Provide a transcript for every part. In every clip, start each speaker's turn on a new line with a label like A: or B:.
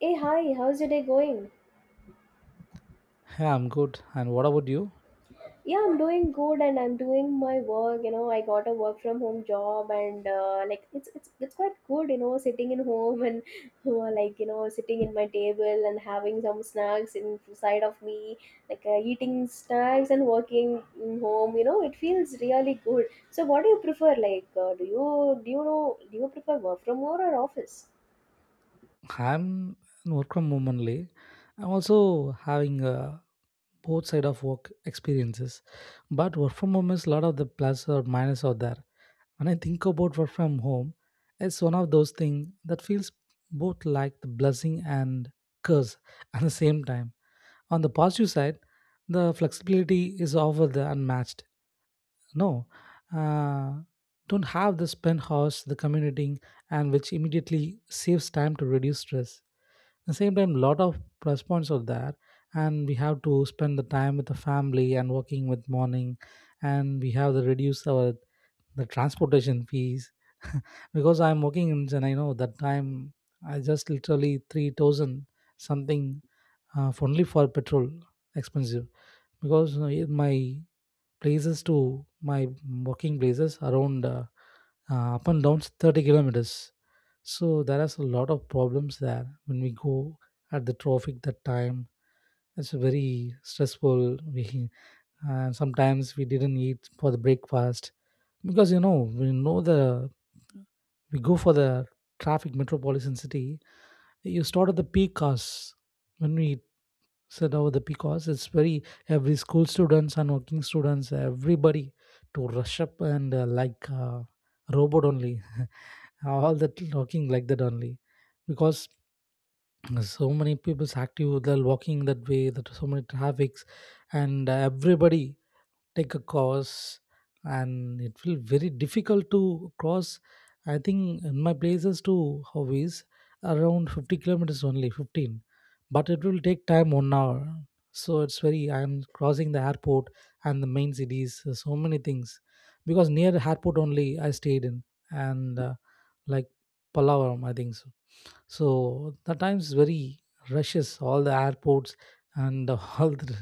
A: Hey, hi, how's your day going?
B: Hey, I'm good. And what about you?
A: Yeah, I'm doing good and I'm doing my work. You know, I got a work from home job and like it's quite good, you know, sitting in home and like, you know, sitting in my table and having some snacks inside of me, like eating snacks and working in home, you know, it feels really good. So what do you prefer? Like, do you prefer work from home or office?
B: I'm in work from home only. I'm also having both side of work experiences, but work from home is a lot of the plus or minus out there. When I think about work from home, it's one of those things that feels both like the blessing and curse at the same time. On the positive side, the flexibility is over the unmatched. No, uh, don't have this penthouse, the commuting, and which immediately saves time to reduce stress. At the same time, lot of plus points are there, and we have to spend the time with the family and working with morning, and we have to reduce our the transportation fees because I'm working in and I know that time I just literally 3000 something for only for petrol expensive because you know, my places to my working places around up and down 30 kilometers. So there is a lot of problems there when we go at the traffic that time. It's very stressful. We and sometimes we didn't eat for the breakfast because you know we know the we go for the traffic metropolitan city you start at the peak hours when we sit over the peak hours it's very every school students and working students everybody to rush up and robot only all that walking like that only because so many people's active they're walking that way that so many traffics and everybody take a course and it will very difficult to cross. I think in my places to hobbies around 50 kilometers only 15, but it will take time 1 hour. So it's very I am crossing the airport and the main cities, so many things because near the airport only I stayed in and like palawaram I think so. So the time's very rushes all the airports and all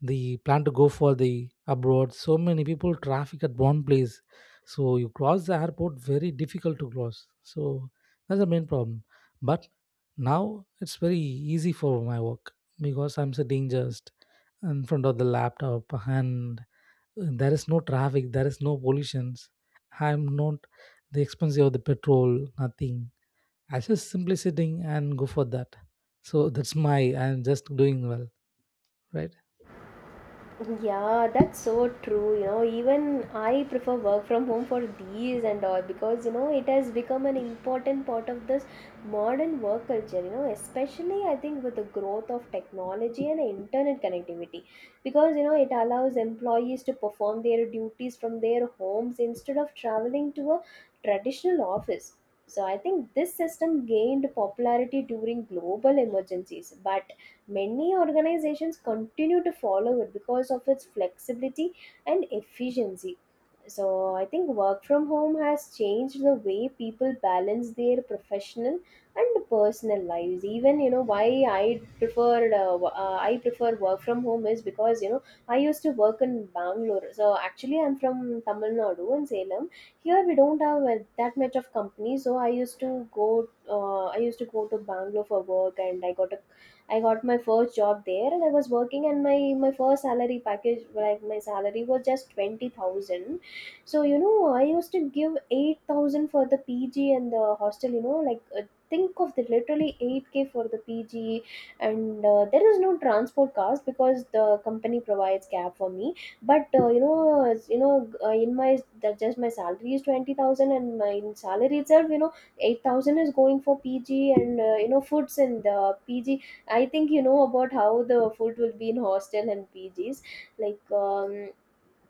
B: the plan to go for the abroad. So many people traffic at one place. So you cross the airport very difficult to cross. So that's the main problem. But now it's very easy for my work because I'm sitting just in front of the laptop and there is no traffic, there is no pollutions. I'm not the expensive of the petrol, nothing. I just simply sitting and go for that. So that's my I'm just doing well, right?
A: Yeah, that's so true. You know, even I prefer work from home for these and all because you know it has become an important part of this modern work culture. You know, especially I think with the growth of technology and internet connectivity, because you know it allows employees to perform their duties from their homes instead of traveling to a traditional office. So I think this system gained popularity during global emergencies, but many organizations continue to follow it because of its flexibility and efficiency. So, I think work from home has changed the way people balance their professional and personal lives. Even you know why I prefer work from home is because you know I used to work in Bangalore. So actually, I'm from Tamil Nadu and Salem. Here we don't have that much of company, so I used to go to Bangalore for work, and I got my first job there and I was working and my first salary package, like my salary was just 20,000. So you know I used to give 8,000 for the PG and the hostel, you know, like think of the literally 8k for the PG, and there is no transport cost because the company provides cab for me, but in my, that just my salary is 20,000, and my salary itself, you know, 8,000 is going for PG and you know foods in the PG. I think you know about how the food will be in hostel and PGs. Like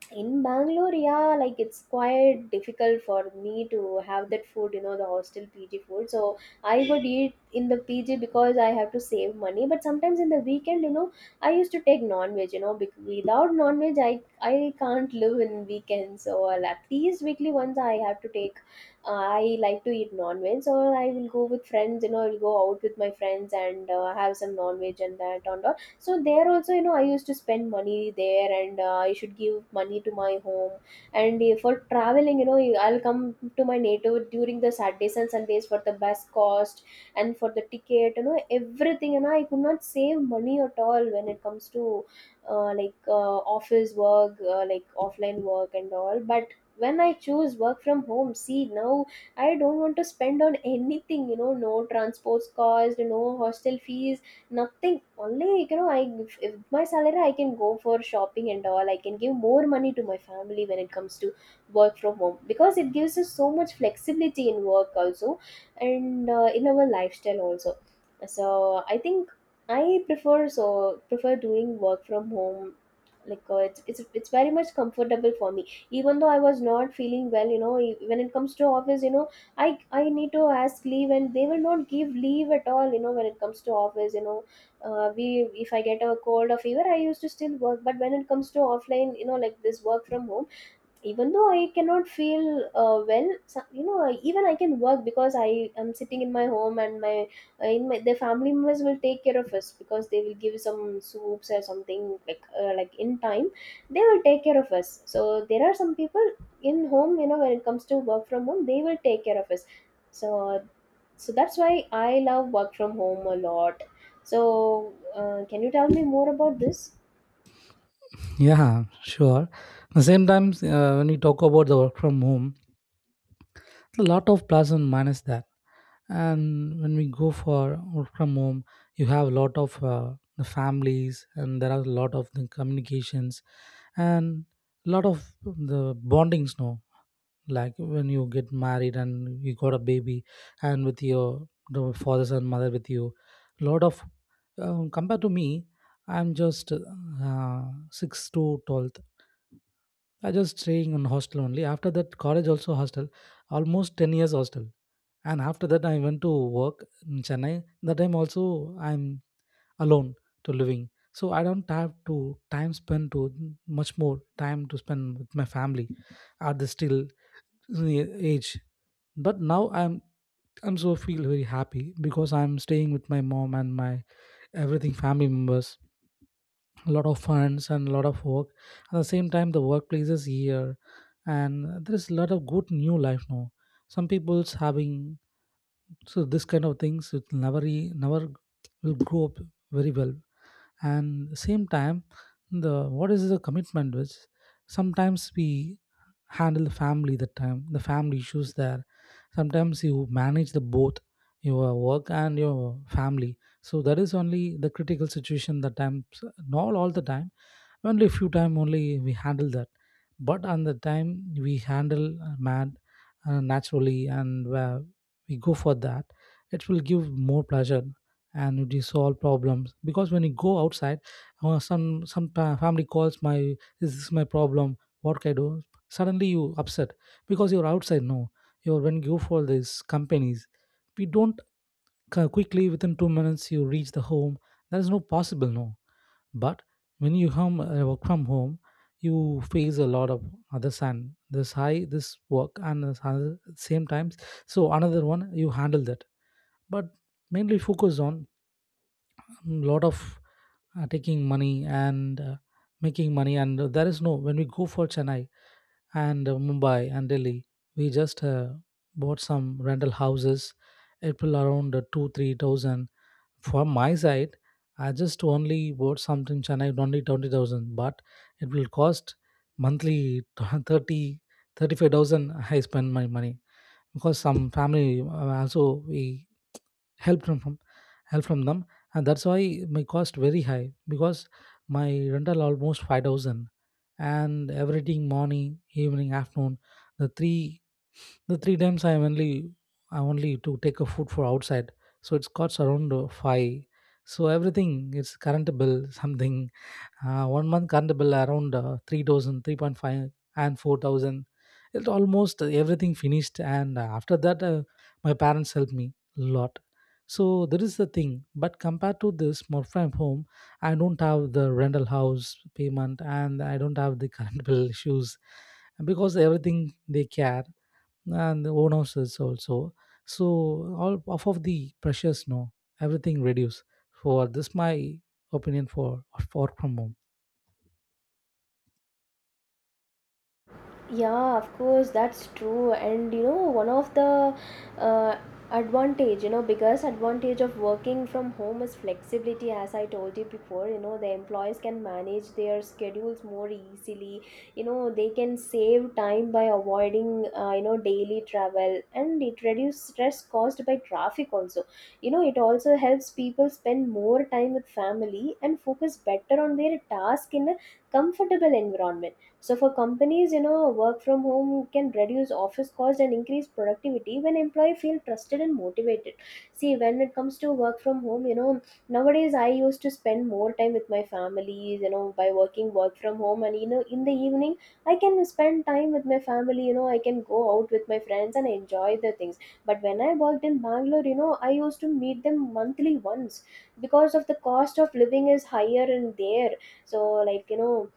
A: in Bangalore, yeah, like it's quite difficult for me to have that food, you know, the hostel PG food. So I would eat in the PG because I have to save money, but sometimes in the weekend, you know, I used to take non-veg, you know, without non-veg I can't live in weekends, so I'll at least weekly once I have to take. I like to eat non-veg, so I will go with friends, you know, I'll go out with my friends and have some non-veg and that on. So there also, you know, I used to spend money there, and I should give money to my home, and for traveling, you know, I'll come to my native during the Saturdays and Sundays. For the bus cost and for the ticket, you know, everything, you know, I could not save money at all when it comes to office work, like offline work and all. But when I choose work from home, see, now I don't want to spend on anything, you know, no transports cost, no hostel fees. Nothing. Only, like, you know, I if my salary, I can go for shopping and all. I can give more money to my family when it comes to work from home because it gives us so much flexibility in work also, and in our lifestyle also. So I think I prefer doing work from home. Like it's very much comfortable for me. Even though I was not feeling well, you know, when it comes to office, you know, I need to ask leave and they will not give leave at all, you know, when it comes to office, you know, we if I get a cold or fever, I used to still work. But when it comes to offline, you know, like this work from home, even though I cannot feel well, even I can work, because I am sitting in my home, and my in my, the family members will take care of us, because they will give some soups or something, like in time they will take care of us. So there are some people in home, you know, when it comes to work from home, they will take care of us. So so that's why I love work from home a lot. So can you tell me more about this?
B: Yeah, sure. At the same time, when we talk about the work from home, a lot of plus and minus that. And when we go for work from home, you have a lot of the families, and there are a lot of the communications, and a lot of the bondings. No, like when you get married and you got a baby and with your the fathers and mother with you lot of compared to me I'm just 6 to 12th I just staying in hostel only after that college also hostel almost 10 years hostel and after that I went to work in Chennai. That time also I'm alone to living, so I don't have to time spend to much more time to spend with my family. Are the still the age but now I'm so feel very happy because I'm staying with my mom and my everything family members, a lot of funds and a lot of work. At the same time the workplace is here and there is a lot of good new life now some people's having, so this kind of things it never never will grow up very well. And same time the what is the commitment which sometimes we handle the family that time the family issues there sometimes you manage the both your work and your family so that is only the critical situation that time. So not all the time, only a few time only we handle that. But on the time we handle mad naturally and where we go for that, it will give more pleasure and it will solve problems because when you go outside, family calls my this is my problem, what can I do? Suddenly you upset because you're outside no you're when you go for these companies we don't quickly within 2 minutes you reach the home. That is no possible no. But when you home, work from home, you face a lot of other sand this high this work and this other same times. So another one you handle that. But mainly focus on lot of taking money and making money and there is no when we go for Chennai and Mumbai and Delhi. We just bought some rental houses, April around 2-3000. For my side, I just only bought something Chennai only 20,000, but it will cost monthly 30 35,000. I spend my money because some family also we help from from- help from them, and that's why my cost very high because my rental almost 5,000 and everything morning evening afternoon the three the three times I am only I only to take a food for outside. So it's costs around five. So everything it's current bill something, 1 month current bill around 3,000 and 4,000. It almost everything finished and after that my parents helped me a lot. So that is the thing but compared to this more from home I don't have the rental house payment and I don't have the current bill issues because everything they care and the owners is also. So all off of the pressures no, everything reduce for this my opinion for work from home.
A: Yeah, of course, that's true. And you know, one of the uh, advantage, you know, biggest advantage of working from home is flexibility, as I told you before. You know, the employees can manage their schedules more easily. You know, they can save time by avoiding, you know, daily travel, and it reduces stress caused by traffic also. You know, it also helps people spend more time with family and focus better on their task in a comfortable environment. So for companies, you know, work from home can reduce office costs and increase productivity when employee feel trusted and motivated. See, when it comes to work from home, you know, nowadays I used to spend more time with my family, you know, by working work from home, and you know, in the evening I can spend time with my family, you know, I can go out with my friends and enjoy the things. But when I worked in Bangalore, you know, I used to meet them monthly once because of the cost of living is higher in there. So like, you know,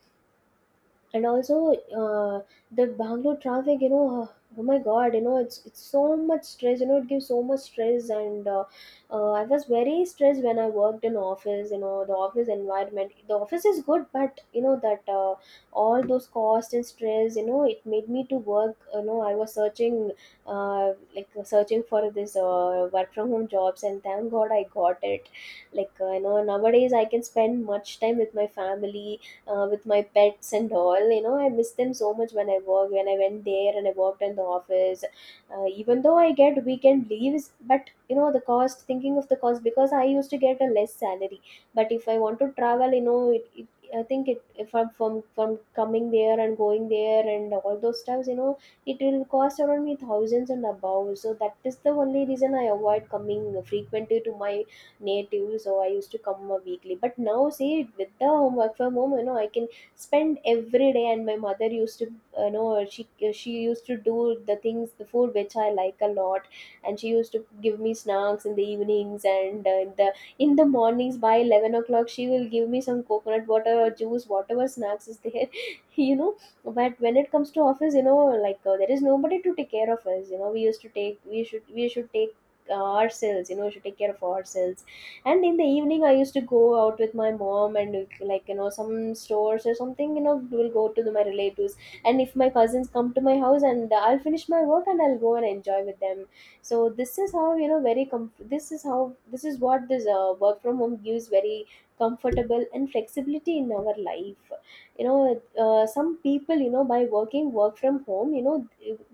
A: and also, uh, the Bangalore traffic, you know, oh my God, you know, it's so much stress. You know, it gives so much stress, and I was very stressed when I worked in office. You know, the office environment, the office is good, but you know that all those costs and stress, you know, it made me to work. You know, I was searching, searching for this work from home jobs, and thank God I got it. Like you know, nowadays I can spend much time with my family, with my pets and all, you know, I miss them so much when I work, when I went there and I worked in the office. Even though I get weekend leaves, but you know the cost, thinking of the cost, because I used to get a less salary. But if I want to travel, you know, it, I think it, if I'm from coming there and going there and all those stuffs, you know, it will cost around me thousands and above. So that is the only reason I avoid coming frequently to my native. So I used to come a weekly, but now see, with the home, work from home, you know, I can spend every day. And my mother used to, you know, she used to do the things, the food which I like a lot, and she used to give me snacks in the evenings, and in the mornings by 11 o'clock she will give me some coconut water or juice, whatever snacks is there. You know, but when it comes to office, you know, like there is nobody to take care of us, you know, we should we should take ourselves, you know, we should take care of ourselves. And in the evening, I used to go out with my mom and, like, you know, some stores or something, you know, we'll go to the, my relatives, and if my cousins come to my house, and I'll finish my work and I'll go and enjoy with them. So this is how, you know, very this is how, this is what this work from home gives, very comfortable and flexibility in our life, you know. Some people, you know, by working work from home, you know,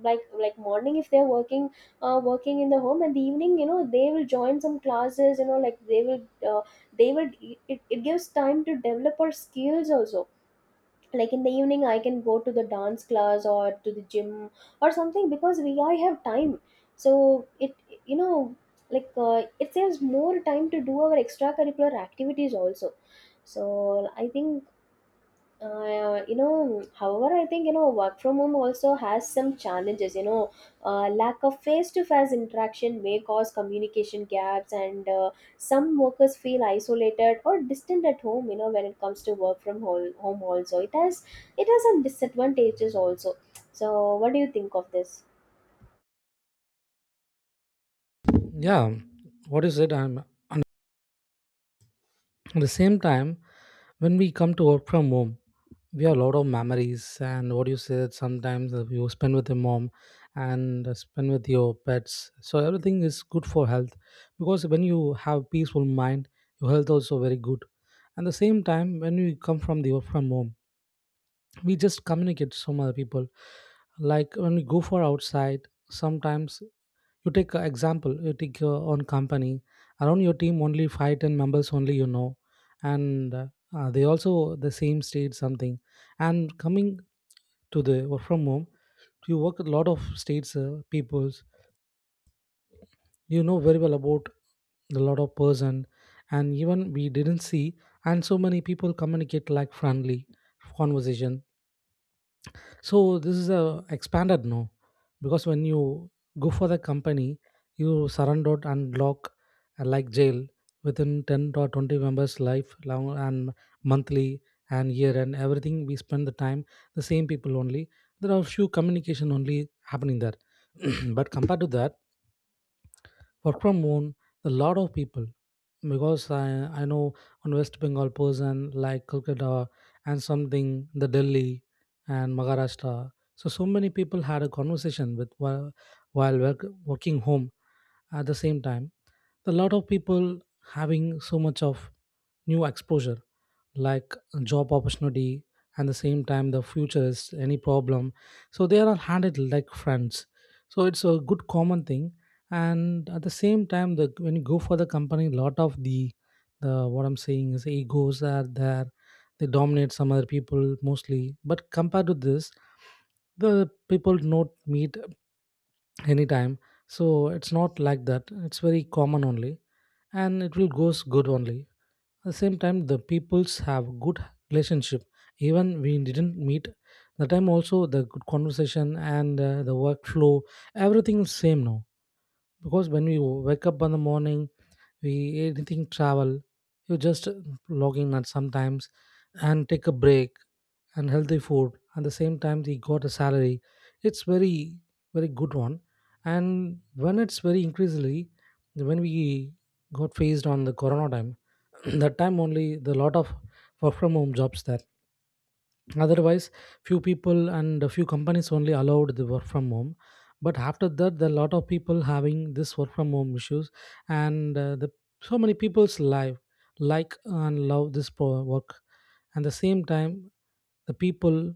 A: like morning if they're working, working in the home, and the evening, you know, they will join some classes, you know, like uh, they will, it gives time to develop our skills also. Like in the evening, I can go to the dance class or to the gym or something, because we I have time. So it, you know, like it saves more time to do our extracurricular activities also. So I think, you know, however, I think you know work from home also has some challenges. You know, lack of face-to-face interaction may cause communication gaps, and some workers feel isolated or distant at home. You know, when it comes to work from home, home also it has some disadvantages also. So, what do you think of this?
B: Yeah, what is it? I'm at the same time when we come to work from home, we have a lot of memories. And what you said, sometimes you spend with your mom and spend with your pets. So everything is good for health because when you have peaceful mind, your health also very good. And the same time, when you come from the work from home, we just communicate to some other people like when we go for outside sometimes, you take an example you take your own company around your team only 5-10 members only you know. And they also the same state something and coming to the work from home you work with a lot of states peoples you know very well about a lot of person, and even we didn't see and so many people communicate like friendly conversation. So this is a expanded no because when you go for the company you surrender and lock, like jail within 10 or 20 members life long and monthly and year and everything we spend the time the same people only. There are few communication only happening there. But compared to that work from home a lot of people because I know one west bengal person like Kolkata and something the Delhi and Maharashtra. So so many people had a conversation with while work, working home. At the same time a lot of people having so much of new exposure like job opportunity and the same time the future is any problem so they are handled like friends. So it's a good common thing. And at the same time the when you go for the company lot of the what I'm saying is egos are there, they dominate some other people mostly. But compared to this the people do not meet anytime, so it's not like that it's very common only and it will goes good only. At the same time, the peoples have good relationship. Even we didn't meet, the time also the good conversation and the workflow, everything is same now. Because when we wake up in the morning, we anything travel, you just log in at sometimes and take a break and healthy food. At the same time he got a salary, it's very very good one. And when it's very increasingly, when we got faced on the corona time, that time only the lot of work from home jobs there. Otherwise few people and a few companies only allowed the work from home, but after that there are a lot of people having this work from home issues. And So many people's life, like, and love this work. And the same time the people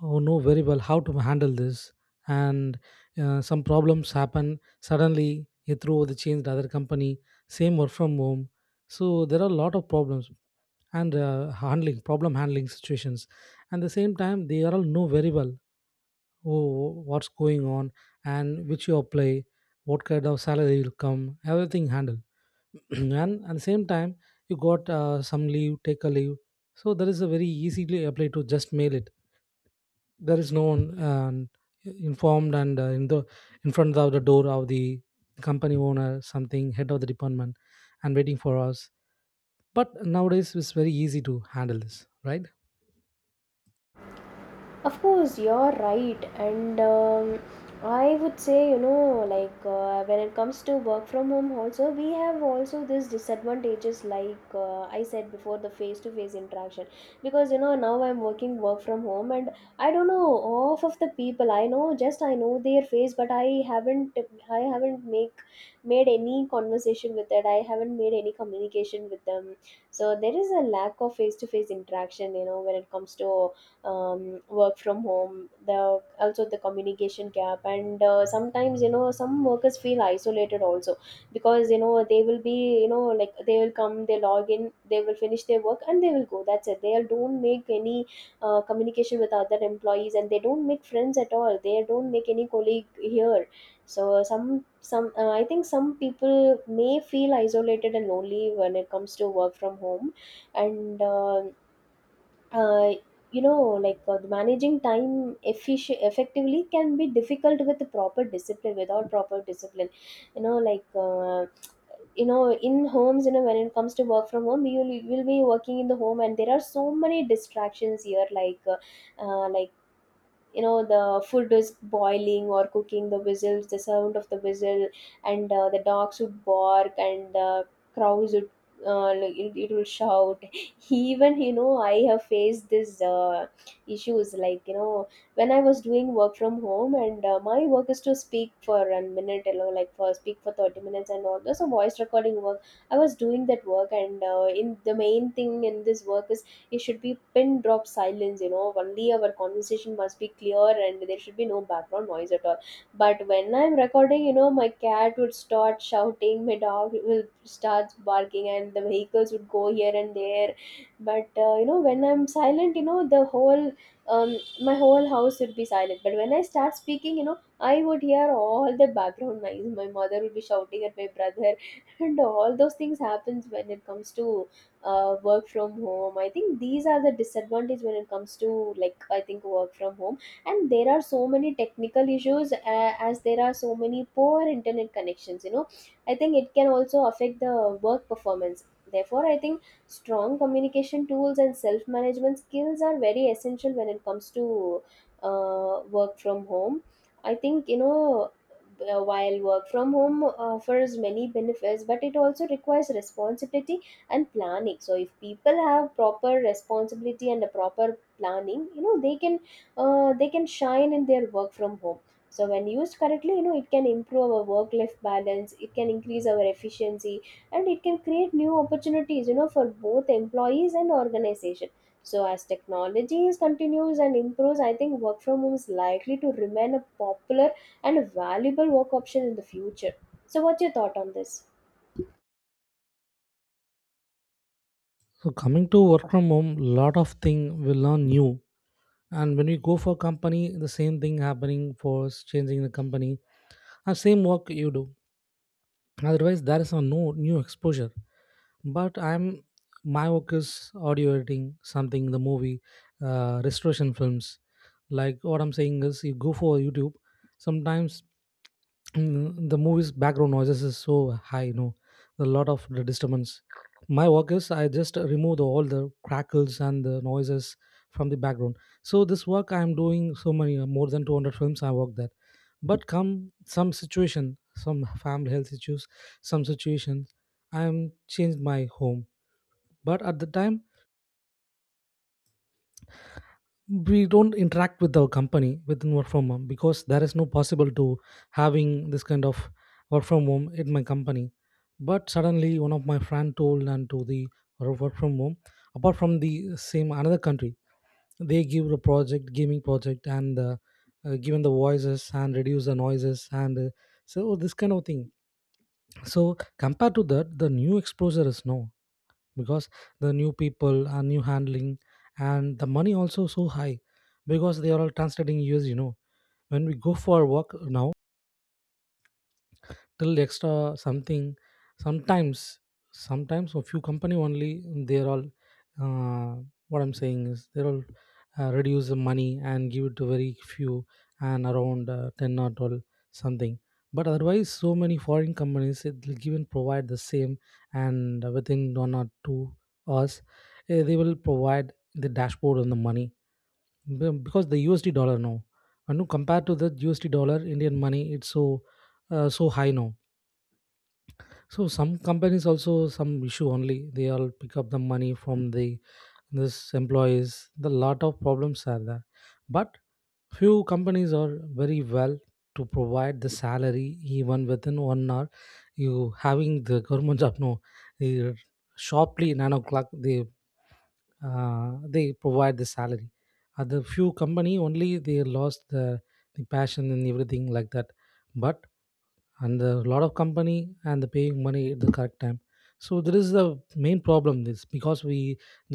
B: who know very well how to handle this. And Some problems happen, suddenly you throw the change to other company, same work from home. So there are a lot of problems and handling problem, handling situations. And the same time they all know very well, oh what's going on, and which you apply, what kind of salary will come, everything handled. And at the same time, you got some leave, take a leave. So there is a very easily apply to just mail it. There is no one, informed, and in the in front of the door of the company owner, something head of the department, and waiting for us. But nowadays it's very easy to handle this, right?
A: Of course, you're right. And I would say, you know, when it comes to work from home, also, we have also these disadvantages, I said before, the face to face interaction. Because, you know, now I'm working work from home and I don't know half of the people I know, just I know their face, but haven't, I haven't make made any conversation with it. I haven't made any communication with them. So there is a lack of face to face interaction, you know, when it comes to work from home, the also the communication gap, and sometimes, you know, some workers feel isolated also, because, you know, they will be, you know, like, they will come, they log in, they will finish their work and they will go, that's it. They don't make any communication with other employees, and they don't make friends at all, they don't make any colleague here. So some I think some people may feel isolated and lonely when it comes to work from home. And uh, you know like Managing time effectively can be difficult with proper discipline, without proper discipline. You know, you know, in homes, you know, when it comes to work from home, you will be working in the home and there are so many distractions here, like you know, the food is boiling or cooking, the whistles, the sound of the whistle, and the dogs would bark and the crows would like, it will shout. Even, you know, I have faced this issues, like, you know, when I was doing work from home and my work is to speak for a minute, you know, like, for speak for 30 minutes and all those, a voice recording work. I was doing that work, and in the main thing in this work is it should be pin drop silence, you know, only our conversation must be clear and there should be no background noise at all. But when I'm recording, you know, my cat would start shouting, my dog will start barking, and the vehicles would go here and there. But you know, when I'm silent, you know, the whole my whole house would be silent, but when I start speaking, you know, I would hear all the background noise, my mother would be shouting at my brother and all those things happens. When it comes to work from home, I think these are the disadvantage when it comes to, like, I think, work from home. And there are so many technical issues, as there are so many poor internet connections, you know, I think it can also affect the work performance. Therefore, I think strong communication tools and self management skills are very essential when it comes to work from home. I think, you know, while work from home offers many benefits, but it also requires responsibility and planning. So if people have proper responsibility and a proper planning, you know, they can shine in their work from home. So when used correctly, you know, it can improve our work life balance, it can increase our efficiency, and it can create new opportunities, you know, for both employees and organization. So as technology is continues and improves, I think work from home is likely to remain a popular and a valuable work option in the future. So what's your thought on this?
B: So coming to work from home, lot of thing will learn new. And when you go for company, the same thing happening for changing the company. Same work you do. Otherwise, there is a no new exposure. But I'm, my work is audio editing, something the movie, restoration films. Like what I'm saying is, you go for YouTube. Sometimes, Mm, the movie's background noises is so high, you know, a lot of the disturbance. My work is I just remove all the crackles and the noises from the background. So this work I'm doing so many, more than 200 films I work that. But come some situation, some family health issues, some situations, I'm changed my home. But at the time we don't interact with our company within work from home, because there is no possible to having this kind of work from home in my company. But suddenly one of my friend told, and to the work from home, apart from the same another country. They give a project, gaming project, and given the voices and reduce the noises and so this kind of thing. So compared to that, the new exposure is no, because the new people are new handling. And the money also so high, because they are all translating years, you know. When we go for work now, till extra something. Sometimes, sometimes a few company only, they're all, uh, what I'm saying is, they're all reduce the money and give it to very few, and around 10 or 12 something. But otherwise so many foreign companies it will give and provide the same, and within one or two hours, eh, they will provide the dashboard on the money. Because the USD dollar now, and no, compared to the USD dollar Indian money, it's so so high now. So some companies also some issue only, they all pick up the money from the this employees. The lot of problems are there, but few companies are very well to provide the salary even within one hour. You having the government job no, eh, sharply 9 o'clock they provide the salary. Other few company only they lost the passion and everything like that. But and a lot of company and the paying money at the correct time, so there is the main problem this. Because we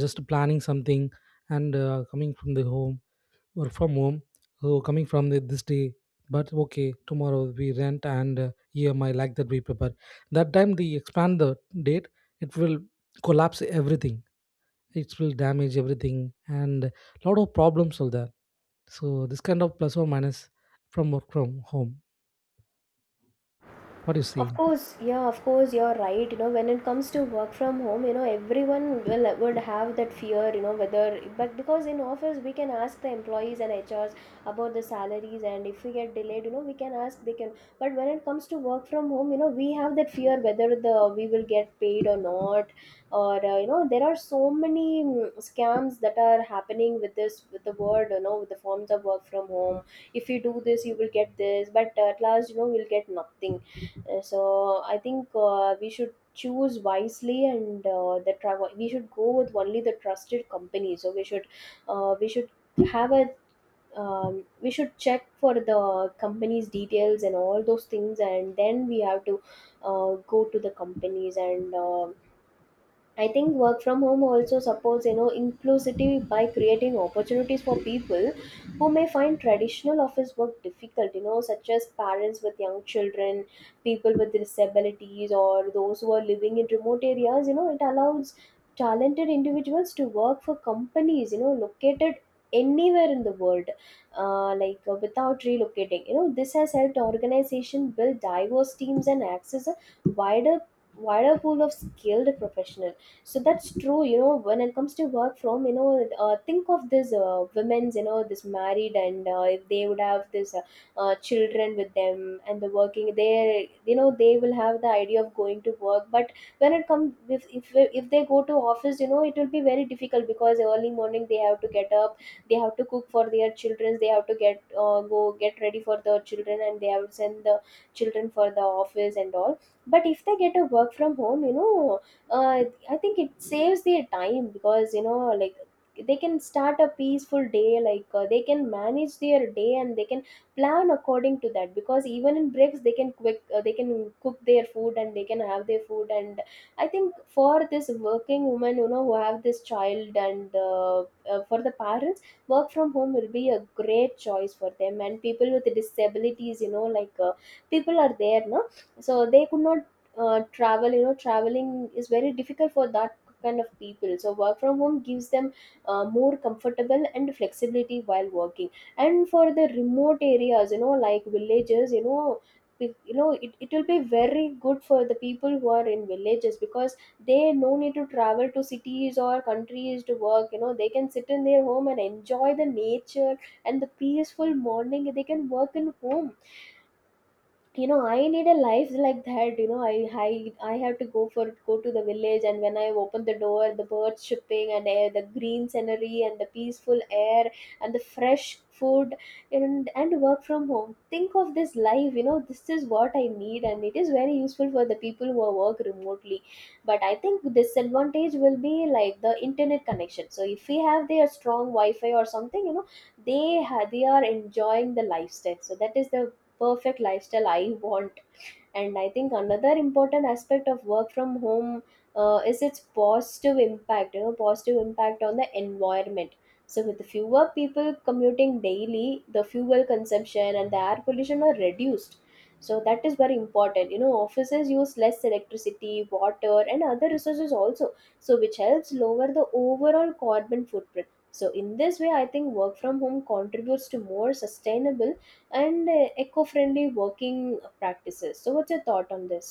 B: just planning something, and coming from the home or from home, so coming from this day. But okay tomorrow we rent and EMI like that, we prepare. That time they expand the date, it will collapse everything, it will damage everything. And lot of problems are there. So this kind of plus or minus from work from home, what do you
A: Of
B: see?
A: course, yeah, of course, you're right. You know, when it comes to work from home, you know, everyone will would have that fear, you know, whether, but because in office we can ask the employees and HRs about the salaries, and if we get delayed, you know, we can ask, they can. But when it comes to work from home, you know, we have that fear whether the we will get paid or not, or you know, there are so many scams that are happening with this, with the word, you know, with the forms of work from home. If you do this, you will get this, but at last, you know, we'll get nothing. So I think we should choose wisely, and the travel, we should go with only the trusted company. So we should uh, we should have a we should check for the company's details and all those things, and then we have to go to the companies. And I think work from home also supports, you know, inclusivity by creating opportunities for people who may find traditional office work difficult, you know, such as parents with young children, people with disabilities, or those who are living in remote areas. You know, it allows talented individuals to work for companies, you know, located anywhere in the world, without relocating. You know, this has helped organization build diverse teams and access a wider wider pool of skilled professionals. So that's true, you know, when it comes to work from, you know, think of this, women's, you know, this married, and if they would have this children with them and the working, they, you know, they will have the idea of going to work, but when it comes, if if they go to office, you know, it will be very difficult because early morning they have to get up, they have to cook for their children, they have to get go get ready for the children, and they have to send the children for the office and all. But if they get a work from home, you know, uh, I think it saves their time because, you know, like, they can start a peaceful day, like, they can manage their day and they can plan according to that, because even in breaks they can quick they can cook their food and they can have their food. And I think for this working woman, you know, who have this child, and for the parents, work from home will be a great choice for them. And people with disabilities, you know, people are there, no, so they could not travel, you know, traveling is very difficult for that kind of people, so work from home gives them more comfortable and flexibility while working. And for the remote areas, you know, like villages, you know, you know, it will be very good for the people who are in villages, because they no need to travel to cities or countries to work, you know, they can sit in their home and enjoy the nature and the peaceful morning, they can work in home. You know, I need a life like that, you know, i I have to go for go to the village, and when I open the door, the birds chirping and air, the green scenery and the peaceful air and the fresh food and work from home, think of this life, you know, this is what I need, and it is very useful for the people who are work remotely. But I think disadvantage will be like the internet connection, so if we have their strong wi-fi or something, you know, they are enjoying the lifestyle, so that is the perfect lifestyle I want. And I think another important aspect of work from home is its positive impact, you know, positive impact on the environment. So with fewer people commuting daily, the fuel consumption and the air pollution are reduced, so that is very important. You know, offices use less electricity, water, and other resources also, so which helps lower the overall carbon footprint. So in this way, I think work from home contributes to more sustainable and eco-friendly working practices. So what's your thought on this?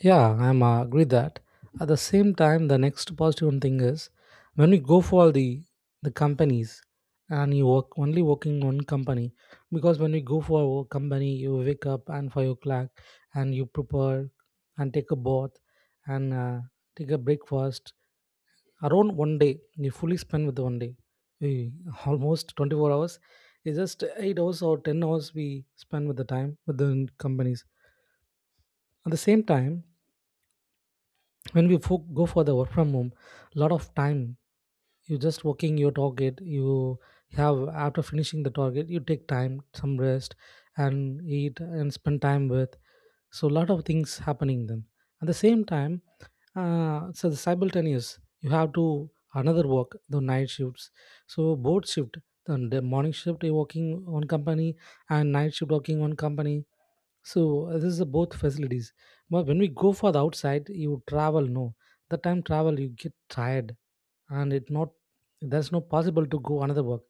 B: Yeah, I'm agree that. At the same time, the next positive, positive thing is when we go for the companies, and you work only working one company. Because when you go for a work company, you wake up and 5 o'clock, and you prepare and take a bath, and take a breakfast. Around one day, you fully spend with one day. We almost 24 hours, it's just 8 hours or 10 hours we spend with the time with the companies. At the same time, when we go for the work from home, a lot of time you just working your target you have. After finishing the target you take time some rest and eat and spend time with. So a lot of things happening then. At the same time, so the simultaneous you have to another work, the night shifts. So both shift, the morning shift you're working on company, and night shift working on company. So this is a both facilities. But when we go for the outside, you travel. No, the time travel you get tired, and it not, there's no possible to go another work.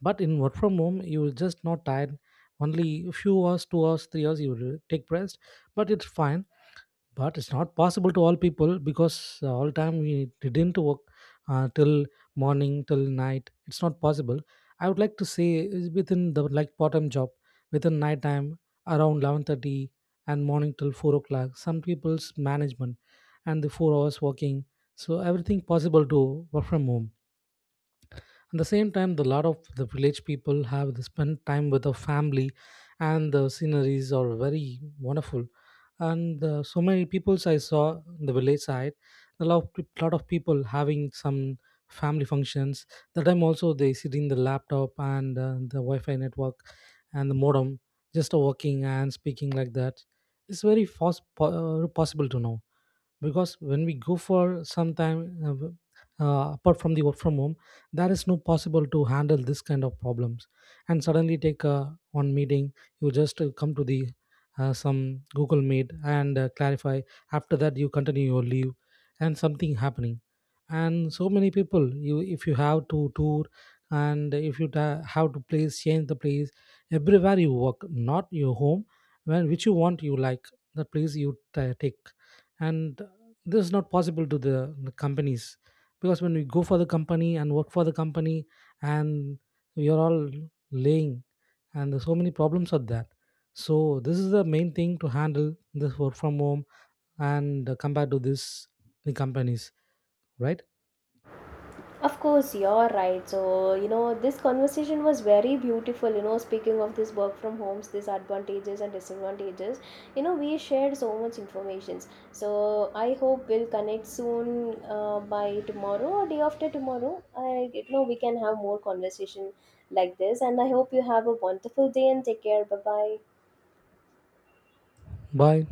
B: But in work from home, you are just not tired. Only few hours, 2 hours, 3 hours, you will take rest. But it's fine. But it's not possible to all people, because all time we didn't work till morning till night, it's not possible. I would like to say is within the, like, part time job. Within night time around 11:30 and morning till 4 o'clock, some people's management and the 4 hours working. So everything possible to work from home. At the same time, the lot of the village people have to spend time with the family, and the sceneries are very wonderful. And So many peoples I saw in the village side, a lot of, lot of people having some family functions. The time also they sit in the laptop and the Wi-Fi network and the modem, just working and speaking like that. It's very fast possible to know. Because when we go for some time apart from the work from home, there is no possible to handle this kind of problems. And suddenly take one meeting, you just come to the some Google meet and clarify. After that you continue your leave, and something happening. And so many people you, if you have to tour, and if you have to place, change the place, everywhere you work not your home. When which you want you like, the place you ta take. And this is not possible to the companies. Because when we go for the company and work for the company, and we are all laying, and there's so many problems of that. So this is the main thing to handle this work from home. And Compared to this, the companies, right?
A: Of course, you're right. So, you know, this conversation was very beautiful, you know, speaking of this work from homes, these advantages and disadvantages, you know, we shared so much information. So I hope we'll connect soon, by tomorrow or day after tomorrow, I you know, we can have more conversation like this, and I hope you have a wonderful day, and take care, bye bye.
B: Bye.